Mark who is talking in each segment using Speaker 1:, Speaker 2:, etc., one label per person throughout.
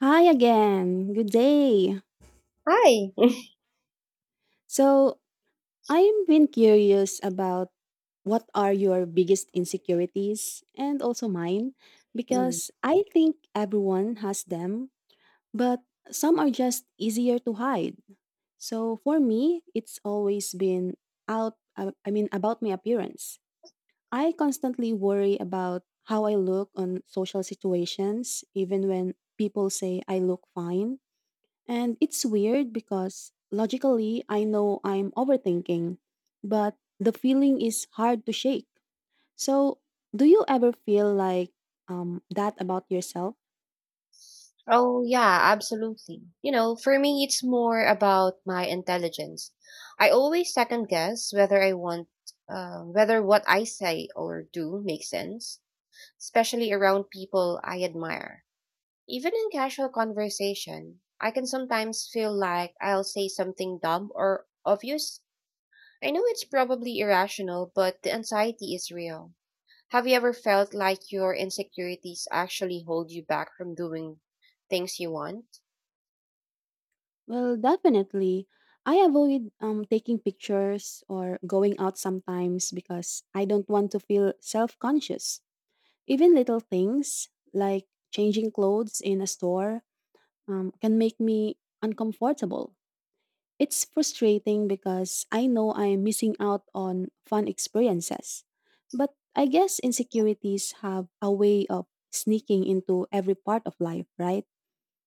Speaker 1: Hi again. Good day.
Speaker 2: Hi.
Speaker 1: So, I've been curious about what are your biggest insecurities and also mine
Speaker 2: Mm.
Speaker 1: because I think everyone has them, but some are just easier to hide. So, for me, it's always been out I mean about my appearance. I constantly worry about how I look on social situations even when people say I look fine. And it's weird because logically I know I'm overthinking, but the feeling is hard to shake. So, do you ever feel like that about yourself?
Speaker 2: Oh, yeah, absolutely. You know, for me, it's more about my intelligence. I always second guess whether what I say or do makes sense, especially around people I admire. Even in casual conversation, I can sometimes feel like I'll say something dumb or obvious. I know it's probably irrational, but the anxiety is real. Have you ever felt like your insecurities actually hold you back from doing things you want?
Speaker 1: Well, definitely. I avoid taking pictures or going out sometimes because I don't want to feel self conscious. Even little things like changing clothes in a store can make me uncomfortable. It's frustrating because I know I am missing out on fun experiences. But I guess insecurities have a way of sneaking into every part of life, right?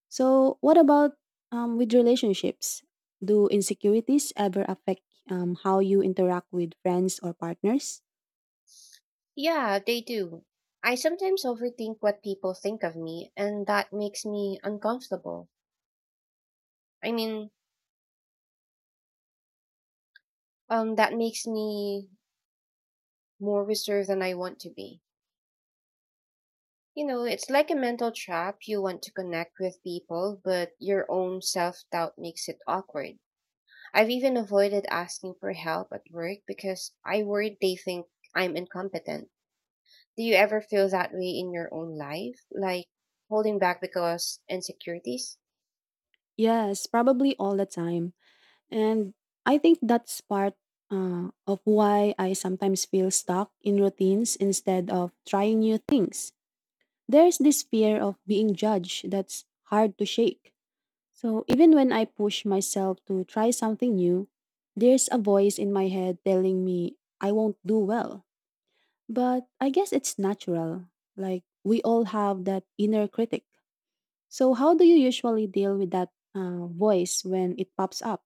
Speaker 1: So, what about with relationships? Do insecurities ever affect how you interact with friends or partners?
Speaker 2: Yeah, they do. I sometimes overthink what people think of me, and that makes me uncomfortable. I mean, that makes me more reserved than I want to be. You know, it's like a mental trap. You want to connect with people, but your own self doubt makes it awkward. I've even avoided asking for help at work because I worried they think I'm incompetent. Do you ever feel that way in your own life? Like holding back because insecurities?
Speaker 1: Yes, probably all the time. And I think that's part of why I sometimes feel stuck in routines instead of trying new things. There's this fear of being judged that's hard to shake. So even when I push myself to try something new, there's a voice in my head telling me I won't do well. But I guess it's natural. Like we all have that inner critic. So how do you usually deal with that voice when it pops up?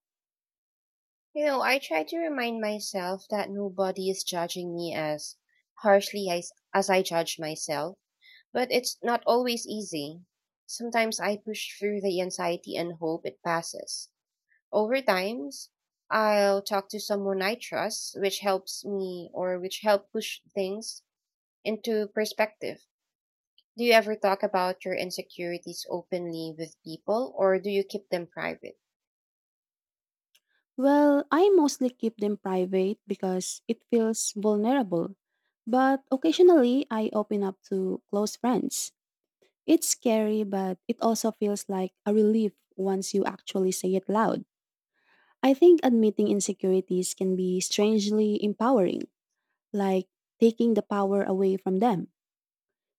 Speaker 2: You know, I try to remind myself that nobody is judging me as harshly as I judge myself, but it's not always easy. Sometimes I push through the anxiety and hope it passes. Over times, I'll talk to someone I trust, which help push things into perspective. Do you ever talk about your insecurities openly with people, or do you keep them private?
Speaker 1: Well, I mostly keep them private because it feels vulnerable. But occasionally, I open up to close friends. It's scary, but it also feels like a relief once you actually say it loud. I think admitting insecurities can be strangely empowering, like taking the power away from them.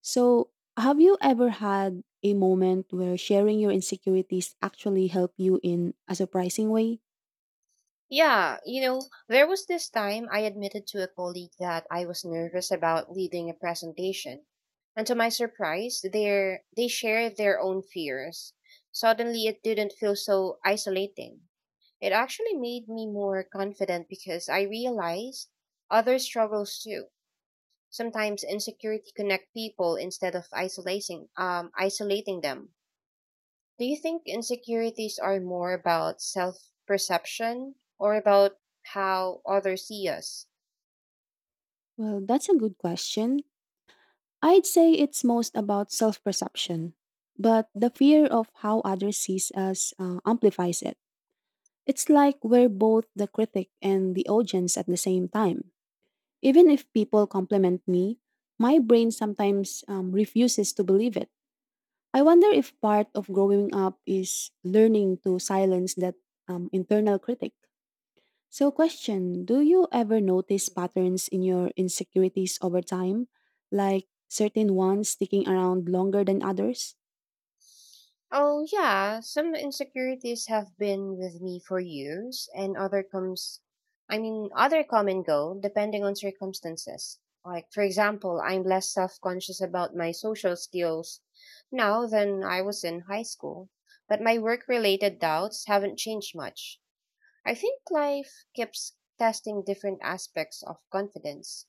Speaker 1: So, have you ever had a moment where sharing your insecurities actually help you in a surprising way?
Speaker 2: Yeah, you know, there was this time I admitted to a colleague that I was nervous about leading a presentation. And to my surprise, they shared their own fears. Suddenly it didn't feel so isolating. It actually made me more confident because I realized other struggles too. Sometimes insecurity connect people instead of isolating them. Do you think insecurities are more about self perception or about how others see us?
Speaker 1: Well, that's a good question. I'd say it's most about self perception, but the fear of how others sees us amplifies it. It's like we're both the critic and the audience at the same time. Even if people compliment me, my brain sometimes refuses to believe it. I wonder if part of growing up is learning to silence that internal critic. So, question: do you ever notice patterns in your insecurities over time, like certain ones sticking around longer than others?
Speaker 2: Oh, yeah, some insecurities have been with me for years, and other come and go depending on circumstances. Like, for example, I'm less self conscious about my social skills now than I was in high school, but my work related doubts haven't changed much. I think life keeps testing different aspects of confidence.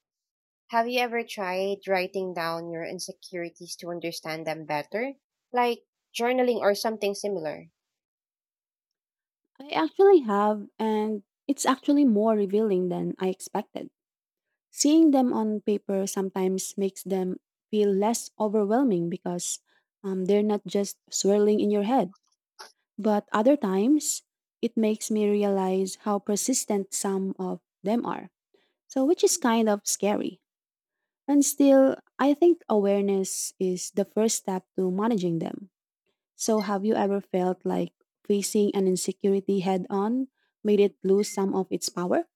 Speaker 2: Have you ever tried writing down your insecurities to understand them better? Like journaling or something similar?
Speaker 1: I actually have, and it's actually more revealing than I expected. Seeing them on paper sometimes makes them feel less overwhelming because they're not just swirling in your head. But other times, it makes me realize how persistent some of them are. So, which is kind of scary. And still, I think awareness is the first step to managing them. So, have you ever felt like facing an insecurity head on made it lose some of its power?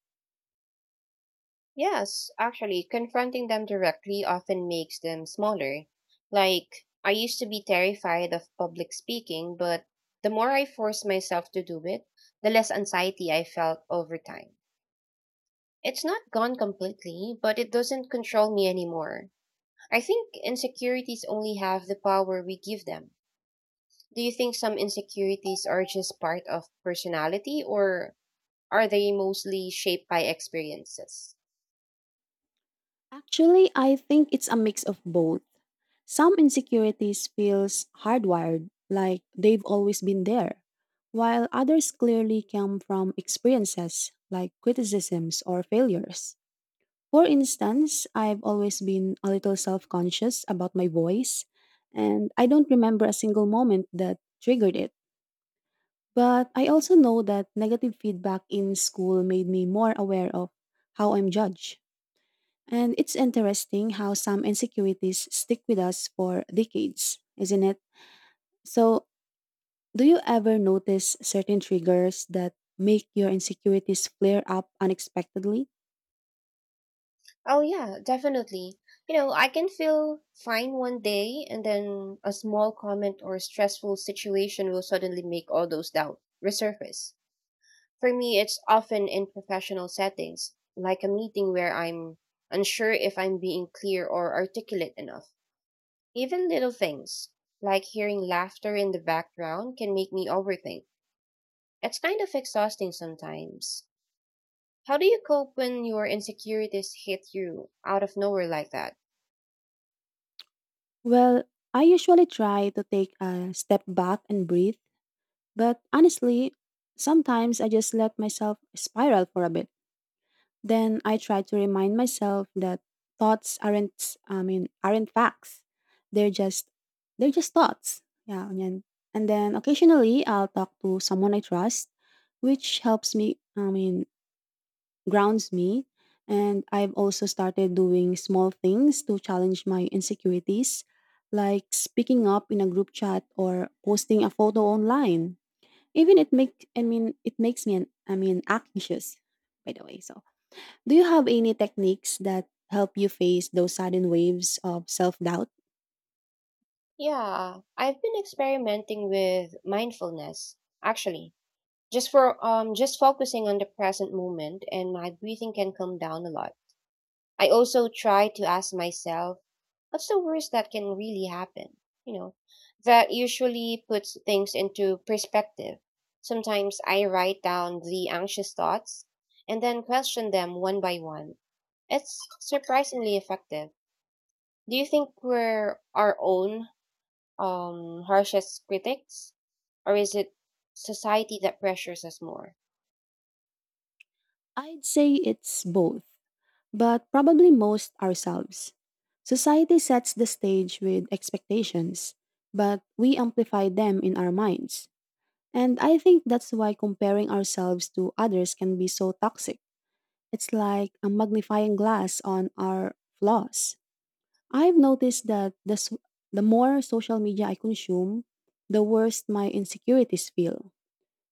Speaker 2: Yes, actually, confronting them directly often makes them smaller. Like, I used to be terrified of public speaking, but the more I forced myself to do it, the less anxiety I felt over time. It's not gone completely, but it doesn't control me anymore. I think insecurities only have the power we give them. Do you think some insecurities are just part of personality, or are they mostly shaped by experiences?
Speaker 1: Actually, I think it's a mix of both. Some insecurities feels hardwired, like they've always been there, while others clearly come from experiences like criticisms or failures. For instance, I've always been a little self-conscious about my voice, and I don't remember a single moment that triggered it. But I also know that negative feedback in school made me more aware of how I'm judged. And it's interesting how some insecurities stick with us for decades, isn't it? So, do you ever notice certain triggers that make your insecurities flare up unexpectedly?
Speaker 2: Oh, yeah, definitely. You know, I can feel fine one day and then a small comment or stressful situation will suddenly make all those doubts resurface. For me, it's often in professional settings, like a meeting where I'm unsure if I'm being clear or articulate enough. Even little things, like hearing laughter in the background, can make me overthink. It's kind of exhausting sometimes. How do you cope when your insecurities hit you out of nowhere like that?
Speaker 1: Well, I usually try to take a step back and breathe, but honestly, sometimes I just let myself spiral for a bit. Then I try to remind myself that thoughts aren't I mean aren't facts. They're just they're just thoughts. Yeah, and then occasionally I'll talk to someone I trust, which helps me I mean grounds me. And I've also started doing small things to challenge my insecurities, like speaking up in a group chat or posting a photo online. Even it makes me an I mean anxious, by the way. So do you have any techniques that help you face those sudden waves of self doubt?
Speaker 2: Yeah, I've been experimenting with mindfulness, actually. Just focusing on the present moment and my breathing can come down a lot. I also try to ask myself, what's the worst that can really happen? You know, that usually puts things into perspective. Sometimes I write down the anxious thoughts and then question them one by one. It's surprisingly effective. Do you think we're our own harshest critics, or is it society that pressures us more?
Speaker 1: I'd say it's both, but probably most ourselves. Society sets the stage with expectations, but we amplify them in our minds. And I think that's why comparing ourselves to others can be so toxic. It's like a magnifying glass on our flaws. I've noticed that the more social media I consume, the worse my insecurities feel.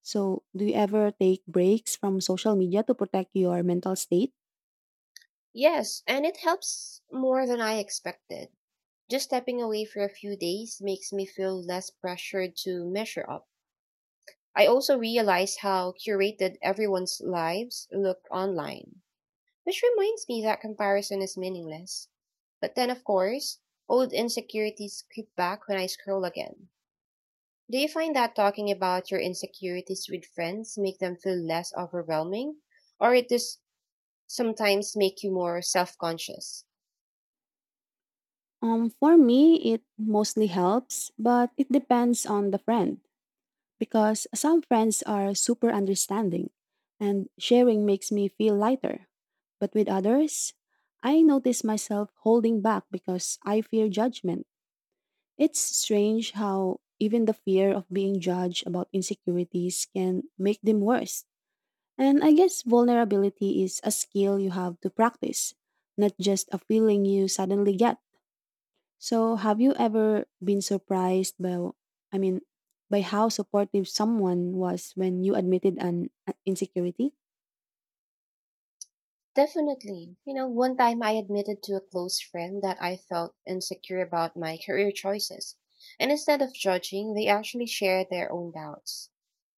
Speaker 1: So, do you ever take breaks from social media to protect your mental state?
Speaker 2: Yes, and it helps more than I expected. Just stepping away for a few days makes me feel less pressured to measure up. I also realized how curated everyone's lives looked online, which reminds me that comparison is meaningless. But then, of course, old insecurities creep back when I scroll again. Do you find that talking about your insecurities with friends make them feel less overwhelming, or it does sometimes make you more self-conscious?
Speaker 1: For me, it mostly helps, but it depends on the friend because some friends are super understanding and sharing makes me feel lighter. But with others, I notice myself holding back because I fear judgment. It's strange how even the fear of being judged about insecurities can make them worse. And I guess vulnerability is a skill you have to practice, not just a feeling you suddenly get. So, have you ever been surprised I mean, by how supportive someone was when you admitted an insecurity?
Speaker 2: Definitely. You know, one time I admitted to a close friend that I felt insecure about my career choices. And instead of judging, they actually shared their own doubts.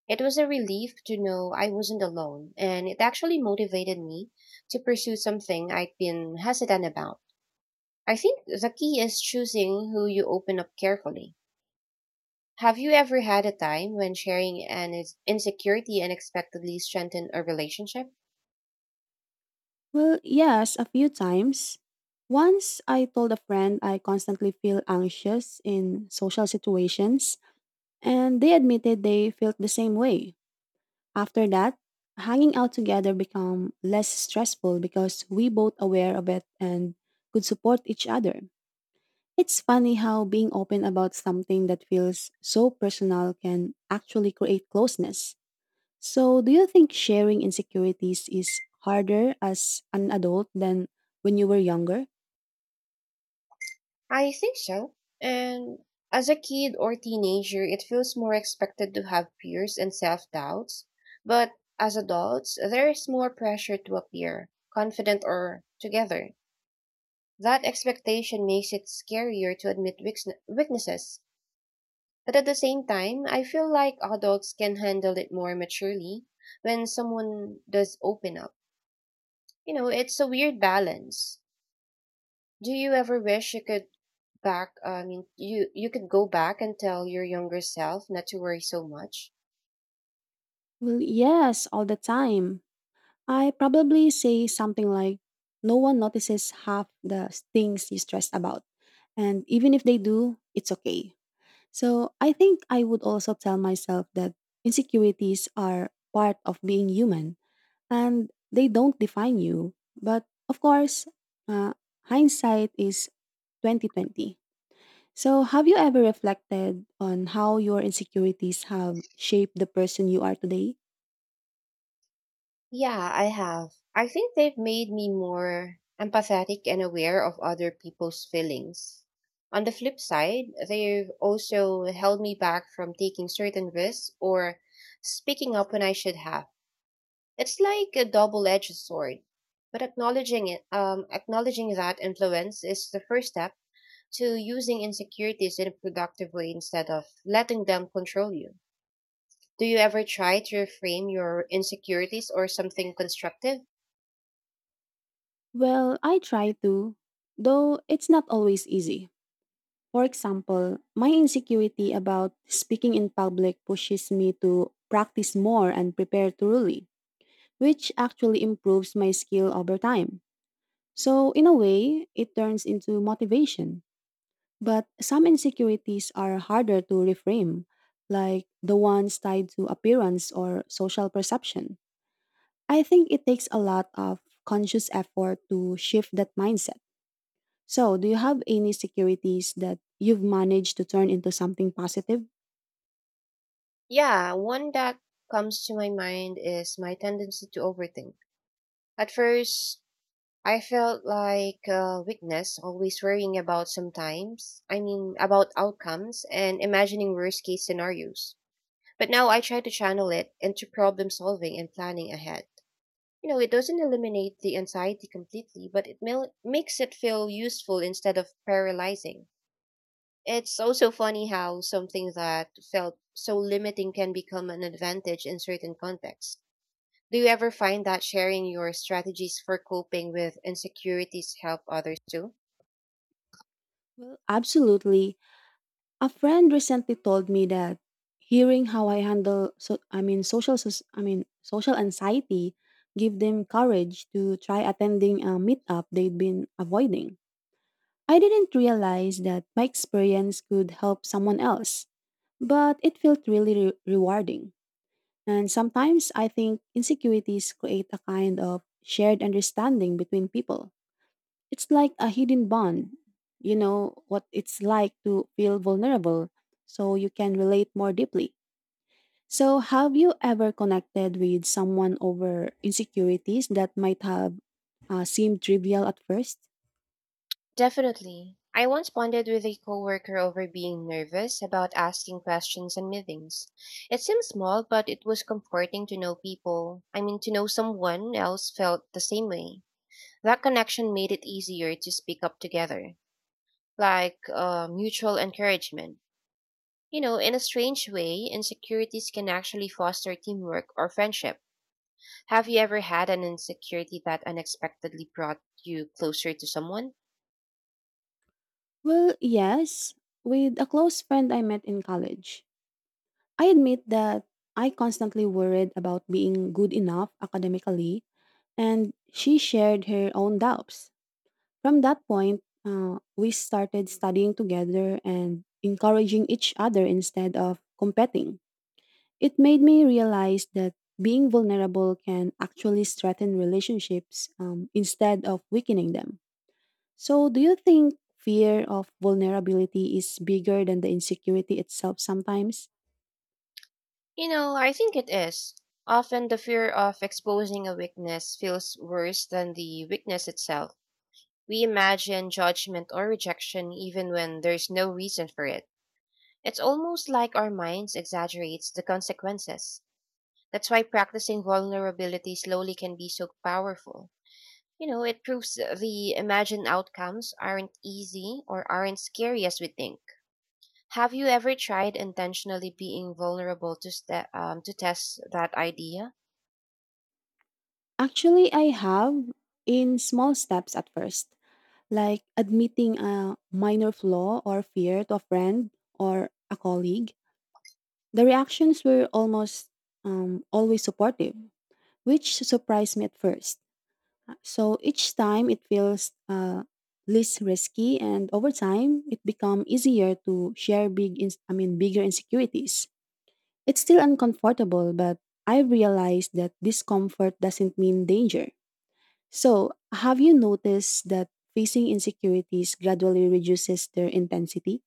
Speaker 2: It was a relief to know I wasn't alone, and it actually motivated me to pursue something I'd been hesitant about. I think the key is choosing who you open up carefully. Have you ever had a time when sharing an insecurity unexpectedly strengthened a relationship?
Speaker 1: Well, yes, a few times. Once I told a friend I constantly feel anxious in social situations, and they admitted they felt the same way. After that, hanging out together become less stressful because we both aware of it and could support each other. It's funny how being open about something that feels so personal can actually create closeness. So, do you think sharing insecurities is harder as an adult than when you were younger?
Speaker 2: I think so. And as a kid or teenager, it feels more expected to have fears and self doubts. But as adults, there is more pressure to appear confident or together. That expectation makes it scarier to admit weaknesses. But at the same time, I feel like adults can handle it more maturely when someone does open up. You know, it's a weird balance. Do you ever wish you could back, I mean, you could go back and tell your younger self not to worry so much?
Speaker 1: Well, yes, all the time. I probably say something like, no one notices half the things you stress about. And even if they do, it's okay. So, I think I would also tell myself that insecurities are part of being human and they don't define you. But of course, uh, hindsight is 2020. So, have you ever reflected on how your insecurities have shaped the person you are today?
Speaker 2: Yeah, I have. I think they've made me more empathetic and aware of other people's feelings. On the flip side, they've also held me back from taking certain risks or speaking up when I should have. It's like a double-edged sword. But acknowledging that influence is the first step to using insecurities in a productive way instead of letting them control you. Do you ever try to reframe your insecurities or something constructive?
Speaker 1: Well, I try to, though it's not always easy. For example, my insecurity about speaking in public pushes me to practice more and prepare thoroughly, which actually improves my skill over time. So, in a way, it turns into motivation. But some insecurities are harder to reframe, like the ones tied to appearance or social perception. I think it takes a lot of conscious effort to shift that mindset. So, do you have any securities that you've managed to turn into something positive?
Speaker 2: Yeah, one that comes to my mind is my tendency to overthink. At first, I felt like weakness, always worrying about sometimes, I mean, about outcomes and imagining worst case scenarios. But now I try to channel it into problem solving and planning ahead. You know, it doesn't eliminate the anxiety completely, but it makes it feel useful instead of paralyzing. It's also funny how something that felt so limiting can become an advantage in certain contexts. Do you ever find that sharing your strategies for coping with insecurities help others too?
Speaker 1: Well, absolutely. A friend recently told me that hearing how I handle so I mean social soc- I mean social anxiety give them courage to try attending a meetup they'd been avoiding. I didn't realize that my experience could help someone else, but it felt really rewarding. And sometimes I think insecurities create a kind of shared understanding between people. It's like a hidden bond. You know what it's like to feel vulnerable, so you can relate more deeply. So, have you ever connected with someone over insecurities that might have seemed trivial at first?
Speaker 2: Definitely. I once bonded with a coworker over being nervous about asking questions in meetings. It seemed small, but it was comforting to know people. I mean, to know someone else felt the same way. That connection made it easier to speak up together, like mutual encouragement. You know, in a strange way, insecurities can actually foster teamwork or friendship. Have you ever had an insecurity that unexpectedly brought you closer to someone?
Speaker 1: Well, yes, with a close friend I met in college. I admit that I constantly worried about being good enough academically, and she shared her own doubts. From that point, we started studying together and encouraging each other instead of competing. It made me realize that being vulnerable can actually strengthen relationships instead of weakening them. So, do you think fear of vulnerability is bigger than the insecurity itself sometimes?
Speaker 2: You know, I think it is. Often the fear of exposing a weakness feels worse than the weakness itself. We imagine judgment or rejection even when there's no reason for it. It's almost like our minds exaggerates the consequences. That's why practicing vulnerability slowly can be so powerful. You know, it proves the imagined outcomes aren't easy or aren't scary as we think. Have you ever tried intentionally being vulnerable to to test that idea?
Speaker 1: Actually, I have, in small steps at first, like admitting a minor flaw or fear to a friend or a colleague. The reactions were almost always supportive, which surprised me at first. So each time it feels less risky, and over time it become easier to share bigger insecurities. It's still uncomfortable, but I realized that discomfort doesn't mean danger. So, have you noticed that facing insecurities gradually reduces their intensity?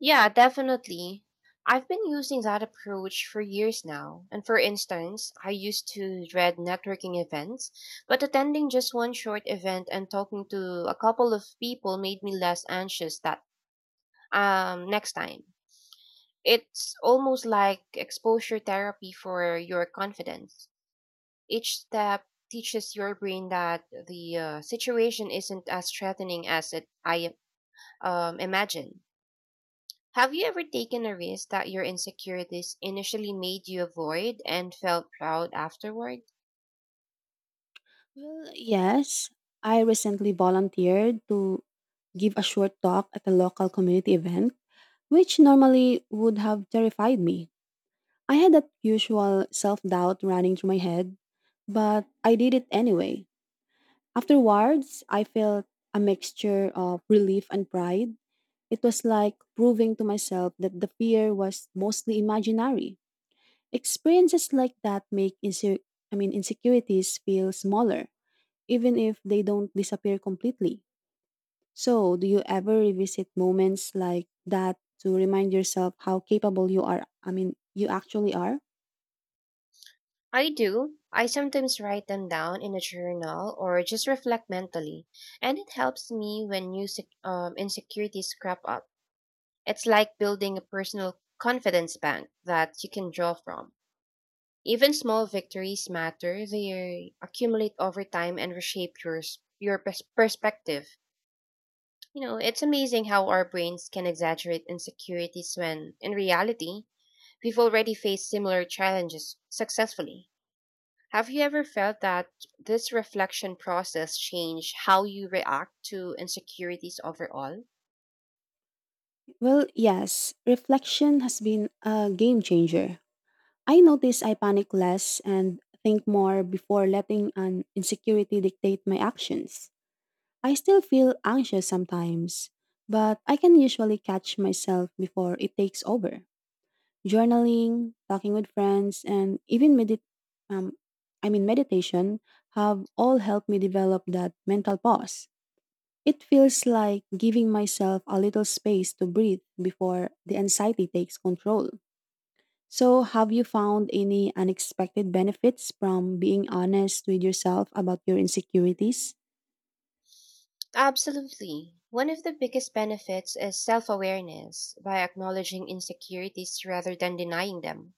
Speaker 2: Yeah, definitely. I've been using that approach for years now. And for instance, I used to dread networking events, but attending just one short event and talking to a couple of people made me less anxious that next time. It's almost like exposure therapy for your confidence. Each step teaches your brain that the situation isn't as threatening as it I imagine. Have you ever taken a risk that your insecurities initially made you avoid and felt proud afterward?
Speaker 1: Well, yes. I recently volunteered to give a short talk at a local community event, which normally would have terrified me. I had that usual self doubt running through my head, but I did it anyway. Afterwards, I felt a mixture of relief and pride. It was like proving to myself that the fear was mostly imaginary. Experiences like that make insecurities feel smaller, even if they don't disappear completely. So, do you ever revisit moments like that to remind yourself how capable you actually are?
Speaker 2: I do. I sometimes write them down in a journal or just reflect mentally, and it helps me when new insecurities crop up. It's like building a personal confidence bank that you can draw from. Even small victories matter. They accumulate over time and reshape your perspective. You know, it's amazing how our brains can exaggerate insecurities when, in reality, we've already faced similar challenges successfully. Have you ever felt that this reflection process changed how you react to insecurities overall?
Speaker 1: Well, yes, reflection has been a game changer. I notice I panic less and think more before letting an insecurity dictate my actions. I still feel anxious sometimes, but I can usually catch myself before it takes over. Journaling, talking with friends, and even um, meditation have all helped me develop that mental pause. It feels like giving myself a little space to breathe before the anxiety takes control. So, have you found any unexpected benefits from being honest with yourself about your insecurities?
Speaker 2: Absolutely. One of the biggest benefits is self awareness by acknowledging insecurities rather than denying them.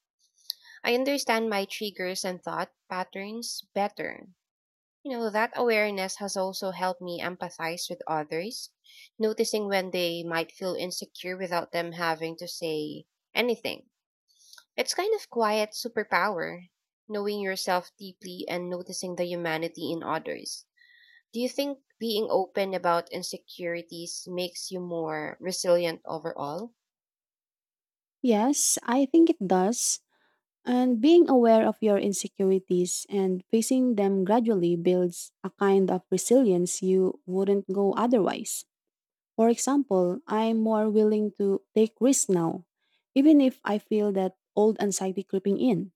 Speaker 2: I understand my triggers and thought patterns better. You know, that awareness has also helped me empathize with others, noticing when they might feel insecure without them having to say anything. It's kind of quiet superpower, knowing yourself deeply and noticing the humanity in others. Do you think being open about insecurities makes you more resilient overall?
Speaker 1: Yes, I think it does. And being aware of your insecurities and facing them gradually builds a kind of resilience you wouldn't go otherwise. For example, I'm more willing to take risks now, even if I feel that old anxiety creeping in.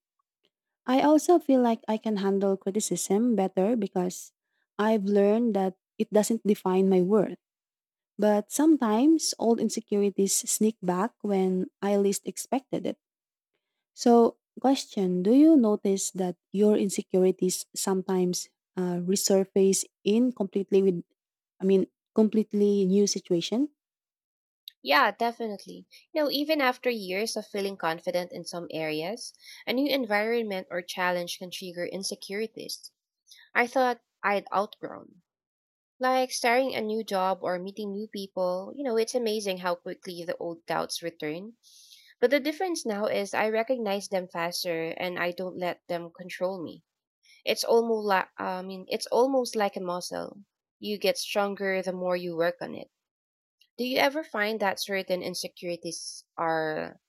Speaker 1: I also feel like I can handle criticism better because I've learned that it doesn't define my worth. But sometimes old insecurities sneak back when I least expected it. So, question: do you notice that your insecurities sometimes resurface in completely with, I mean, completely new situation?
Speaker 2: Yeah, definitely. You know, even after years of feeling confident in some areas, a new environment or challenge can trigger insecurities I thought I'd outgrown. Like starting a new job or meeting new people, you know, it's amazing how quickly the old doubts return. But the difference now is I recognize them faster and I don't let them control me. It's almost like a muscle. You get stronger the more you work on it. Do you ever find that certain insecurities are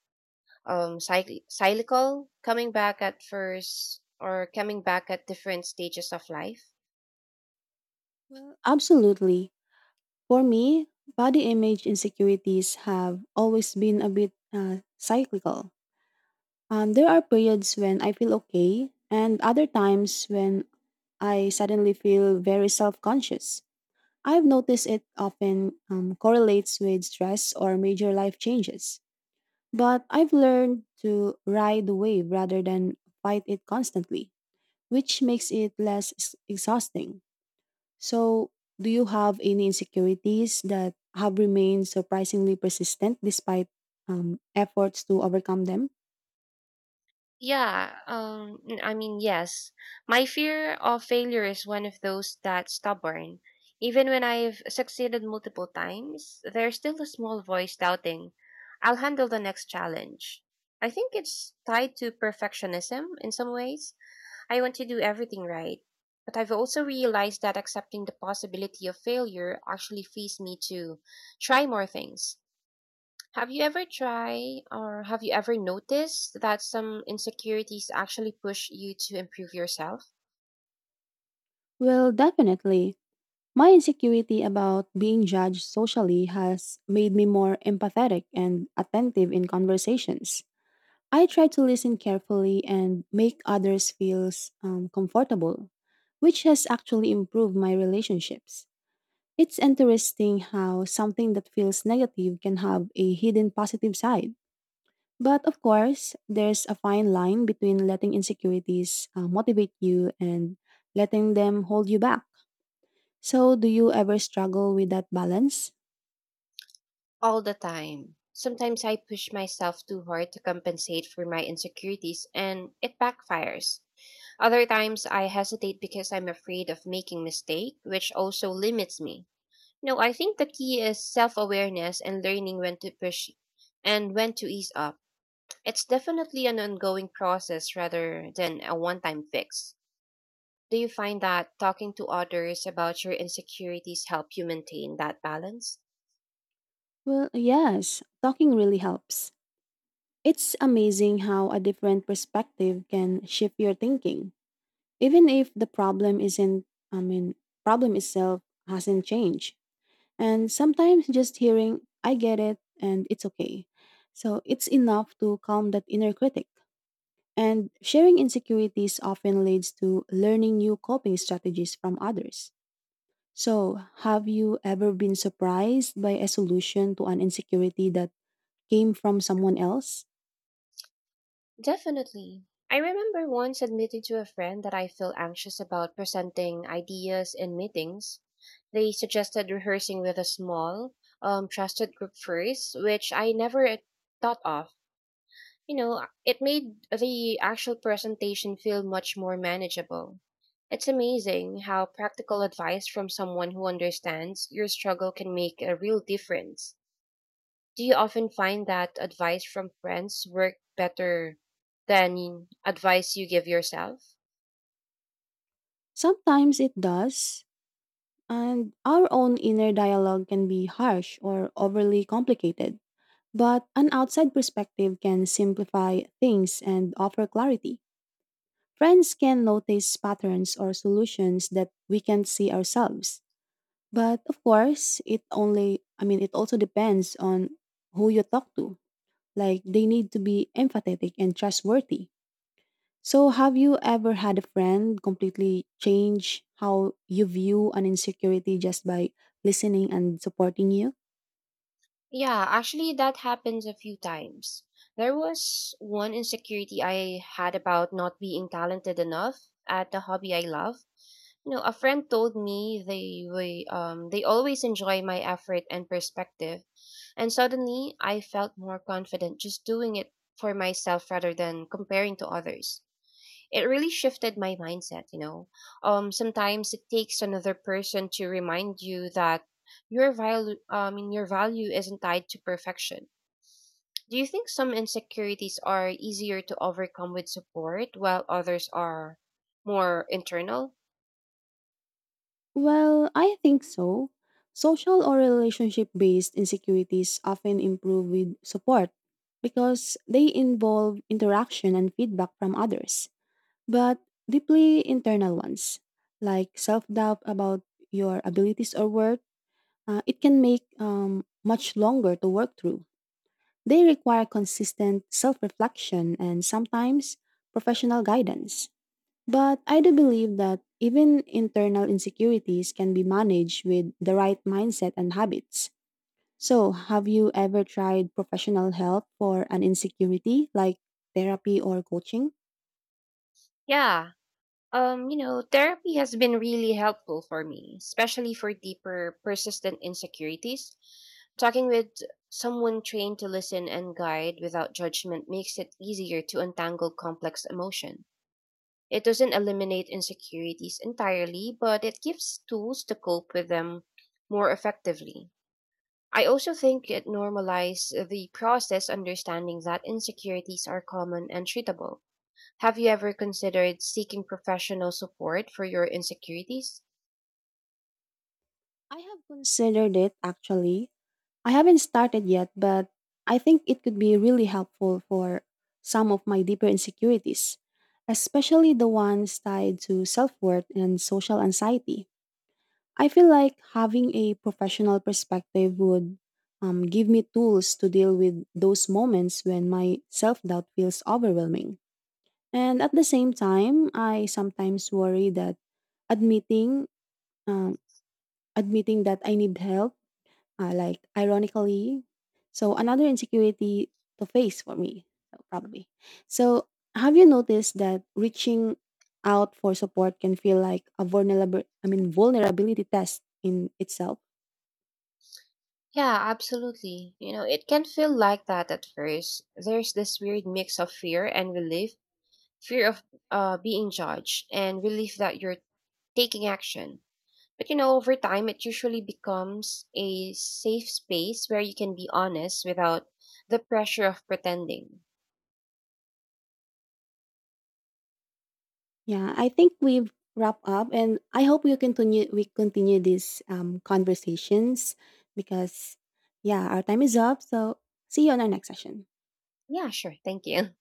Speaker 2: cyclical, coming back at first or coming back at different stages of life?
Speaker 1: Well, absolutely. For me, body image insecurities have always been a bit cyclical. There are periods when I feel okay, and other times when I suddenly feel very self conscious. I've noticed it often correlates with stress or major life changes. But I've learned to ride the wave rather than fight it constantly, which makes it less exhausting. So, do you have any insecurities that have remained surprisingly persistent despite efforts to overcome them?
Speaker 2: Yes. My fear of failure is one of those that's stubborn. Even when I've succeeded multiple times, there's still a small voice doubting, I'll handle the next challenge. I think it's tied to perfectionism in some ways. I want to do everything right. But I've also realized that accepting the possibility of failure actually frees me to try more things. Have you ever noticed that some insecurities actually push you to improve yourself?
Speaker 1: Well, definitely. My insecurity about being judged socially has made me more empathetic and attentive in conversations. I try to listen carefully and make others feel comfortable, which has actually improved my relationships. It's interesting how something that feels negative can have a hidden positive side. But of course, there's a fine line between letting insecurities motivate you and letting them hold you back. So, do you ever struggle with that balance?
Speaker 2: All the time. Sometimes I push myself too hard to compensate for my insecurities and it backfires. Other times I hesitate because I'm afraid of making mistake, which also limits me. No, I think the key is self-awareness and learning when to push and when to ease up. It's definitely an ongoing process rather than a one-time fix. Do you find that talking to others about your insecurities help you maintain that balance?
Speaker 1: Well, yes, talking really helps. It's amazing how a different perspective can shift your thinking, even if the problem isn't i mean problem itself hasn't changed. And sometimes just hearing "I get it and it's okay," so it's enough to calm that inner critic. And sharing insecurities often leads to learning new coping strategies from others. So, have you ever been surprised by a solution to an insecurity that came from someone else?
Speaker 2: Definitely. I remember once admitting to a friend that I feel anxious about presenting ideas in meetings. They suggested rehearsing with a small, trusted group first, which I never thought of. You know, it made the actual presentation feel much more manageable. It's amazing how practical advice from someone who understands your struggle can make a real difference. Do you often find that advice from friends work better than advice you give yourself?
Speaker 1: Sometimes it does. And our own inner dialogue can be harsh or overly complicated. But an outside perspective can simplify things and offer clarity. Friends can notice patterns or solutions that we can't see ourselves. But of course, it only, I mean, it also depends on who you talk to. Like, they need to be empathetic and trustworthy. So, have you ever had a friend completely change how you view an insecurity just by listening and supporting you?
Speaker 2: Yeah, actually, that happens a few times. There was one insecurity I had about not being talented enough at the hobby I love. You know, a friend told me they always enjoy my effort and perspective, and suddenly I felt more confident just doing it for myself rather than comparing to others. It really shifted my mindset, you know. Um, sometimes it takes another person to remind you that your value isn't tied to perfection. Do you think some insecurities are easier to overcome with support while others are more internal?
Speaker 1: Well, I think so. Social or relationship based insecurities often improve with support because they involve interaction and feedback from others, but deeply internal ones, like self doubt about your abilities or worth, it can make much longer to work through. They require consistent self reflection and sometimes professional guidance. But I do believe that even internal insecurities can be managed with the right mindset and habits. So, have you ever tried professional help for an insecurity like therapy or coaching?
Speaker 2: Yeah. You know, therapy has been really helpful for me, especially for deeper, persistent insecurities. Talking with someone trained to listen and guide without judgment makes it easier to untangle complex emotion. It doesn't eliminate insecurities entirely, but it gives tools to cope with them more effectively. I also think it normalizes the process understanding that insecurities are common and treatable. Have you ever considered seeking professional support for your insecurities?
Speaker 1: I have considered it actually. I haven't started yet, but I think it could be really helpful for some of my deeper insecurities, especially the ones tied to self worth and social anxiety. I feel like having a professional perspective would give me tools to deal with those moments when my self doubt feels overwhelming. And at the same time, I sometimes worry that admitting um, admitting that I need help, like ironically, so another insecurity to face for me, so probably. So, have you noticed that reaching out for support can feel like a vulnerability test in itself?
Speaker 2: Yeah, absolutely. You know, it can feel like that at first. There's this weird mix of fear and relief, fear of being judged, and relief that you're taking action. But you know, over time, it usually becomes a safe space where you can be honest without the pressure of pretending.
Speaker 1: Yeah, I think we've wrapped up, and I hope we continue. We continue these conversations because, yeah, our time is up. So see you on our next session.
Speaker 2: Yeah, sure. Thank you.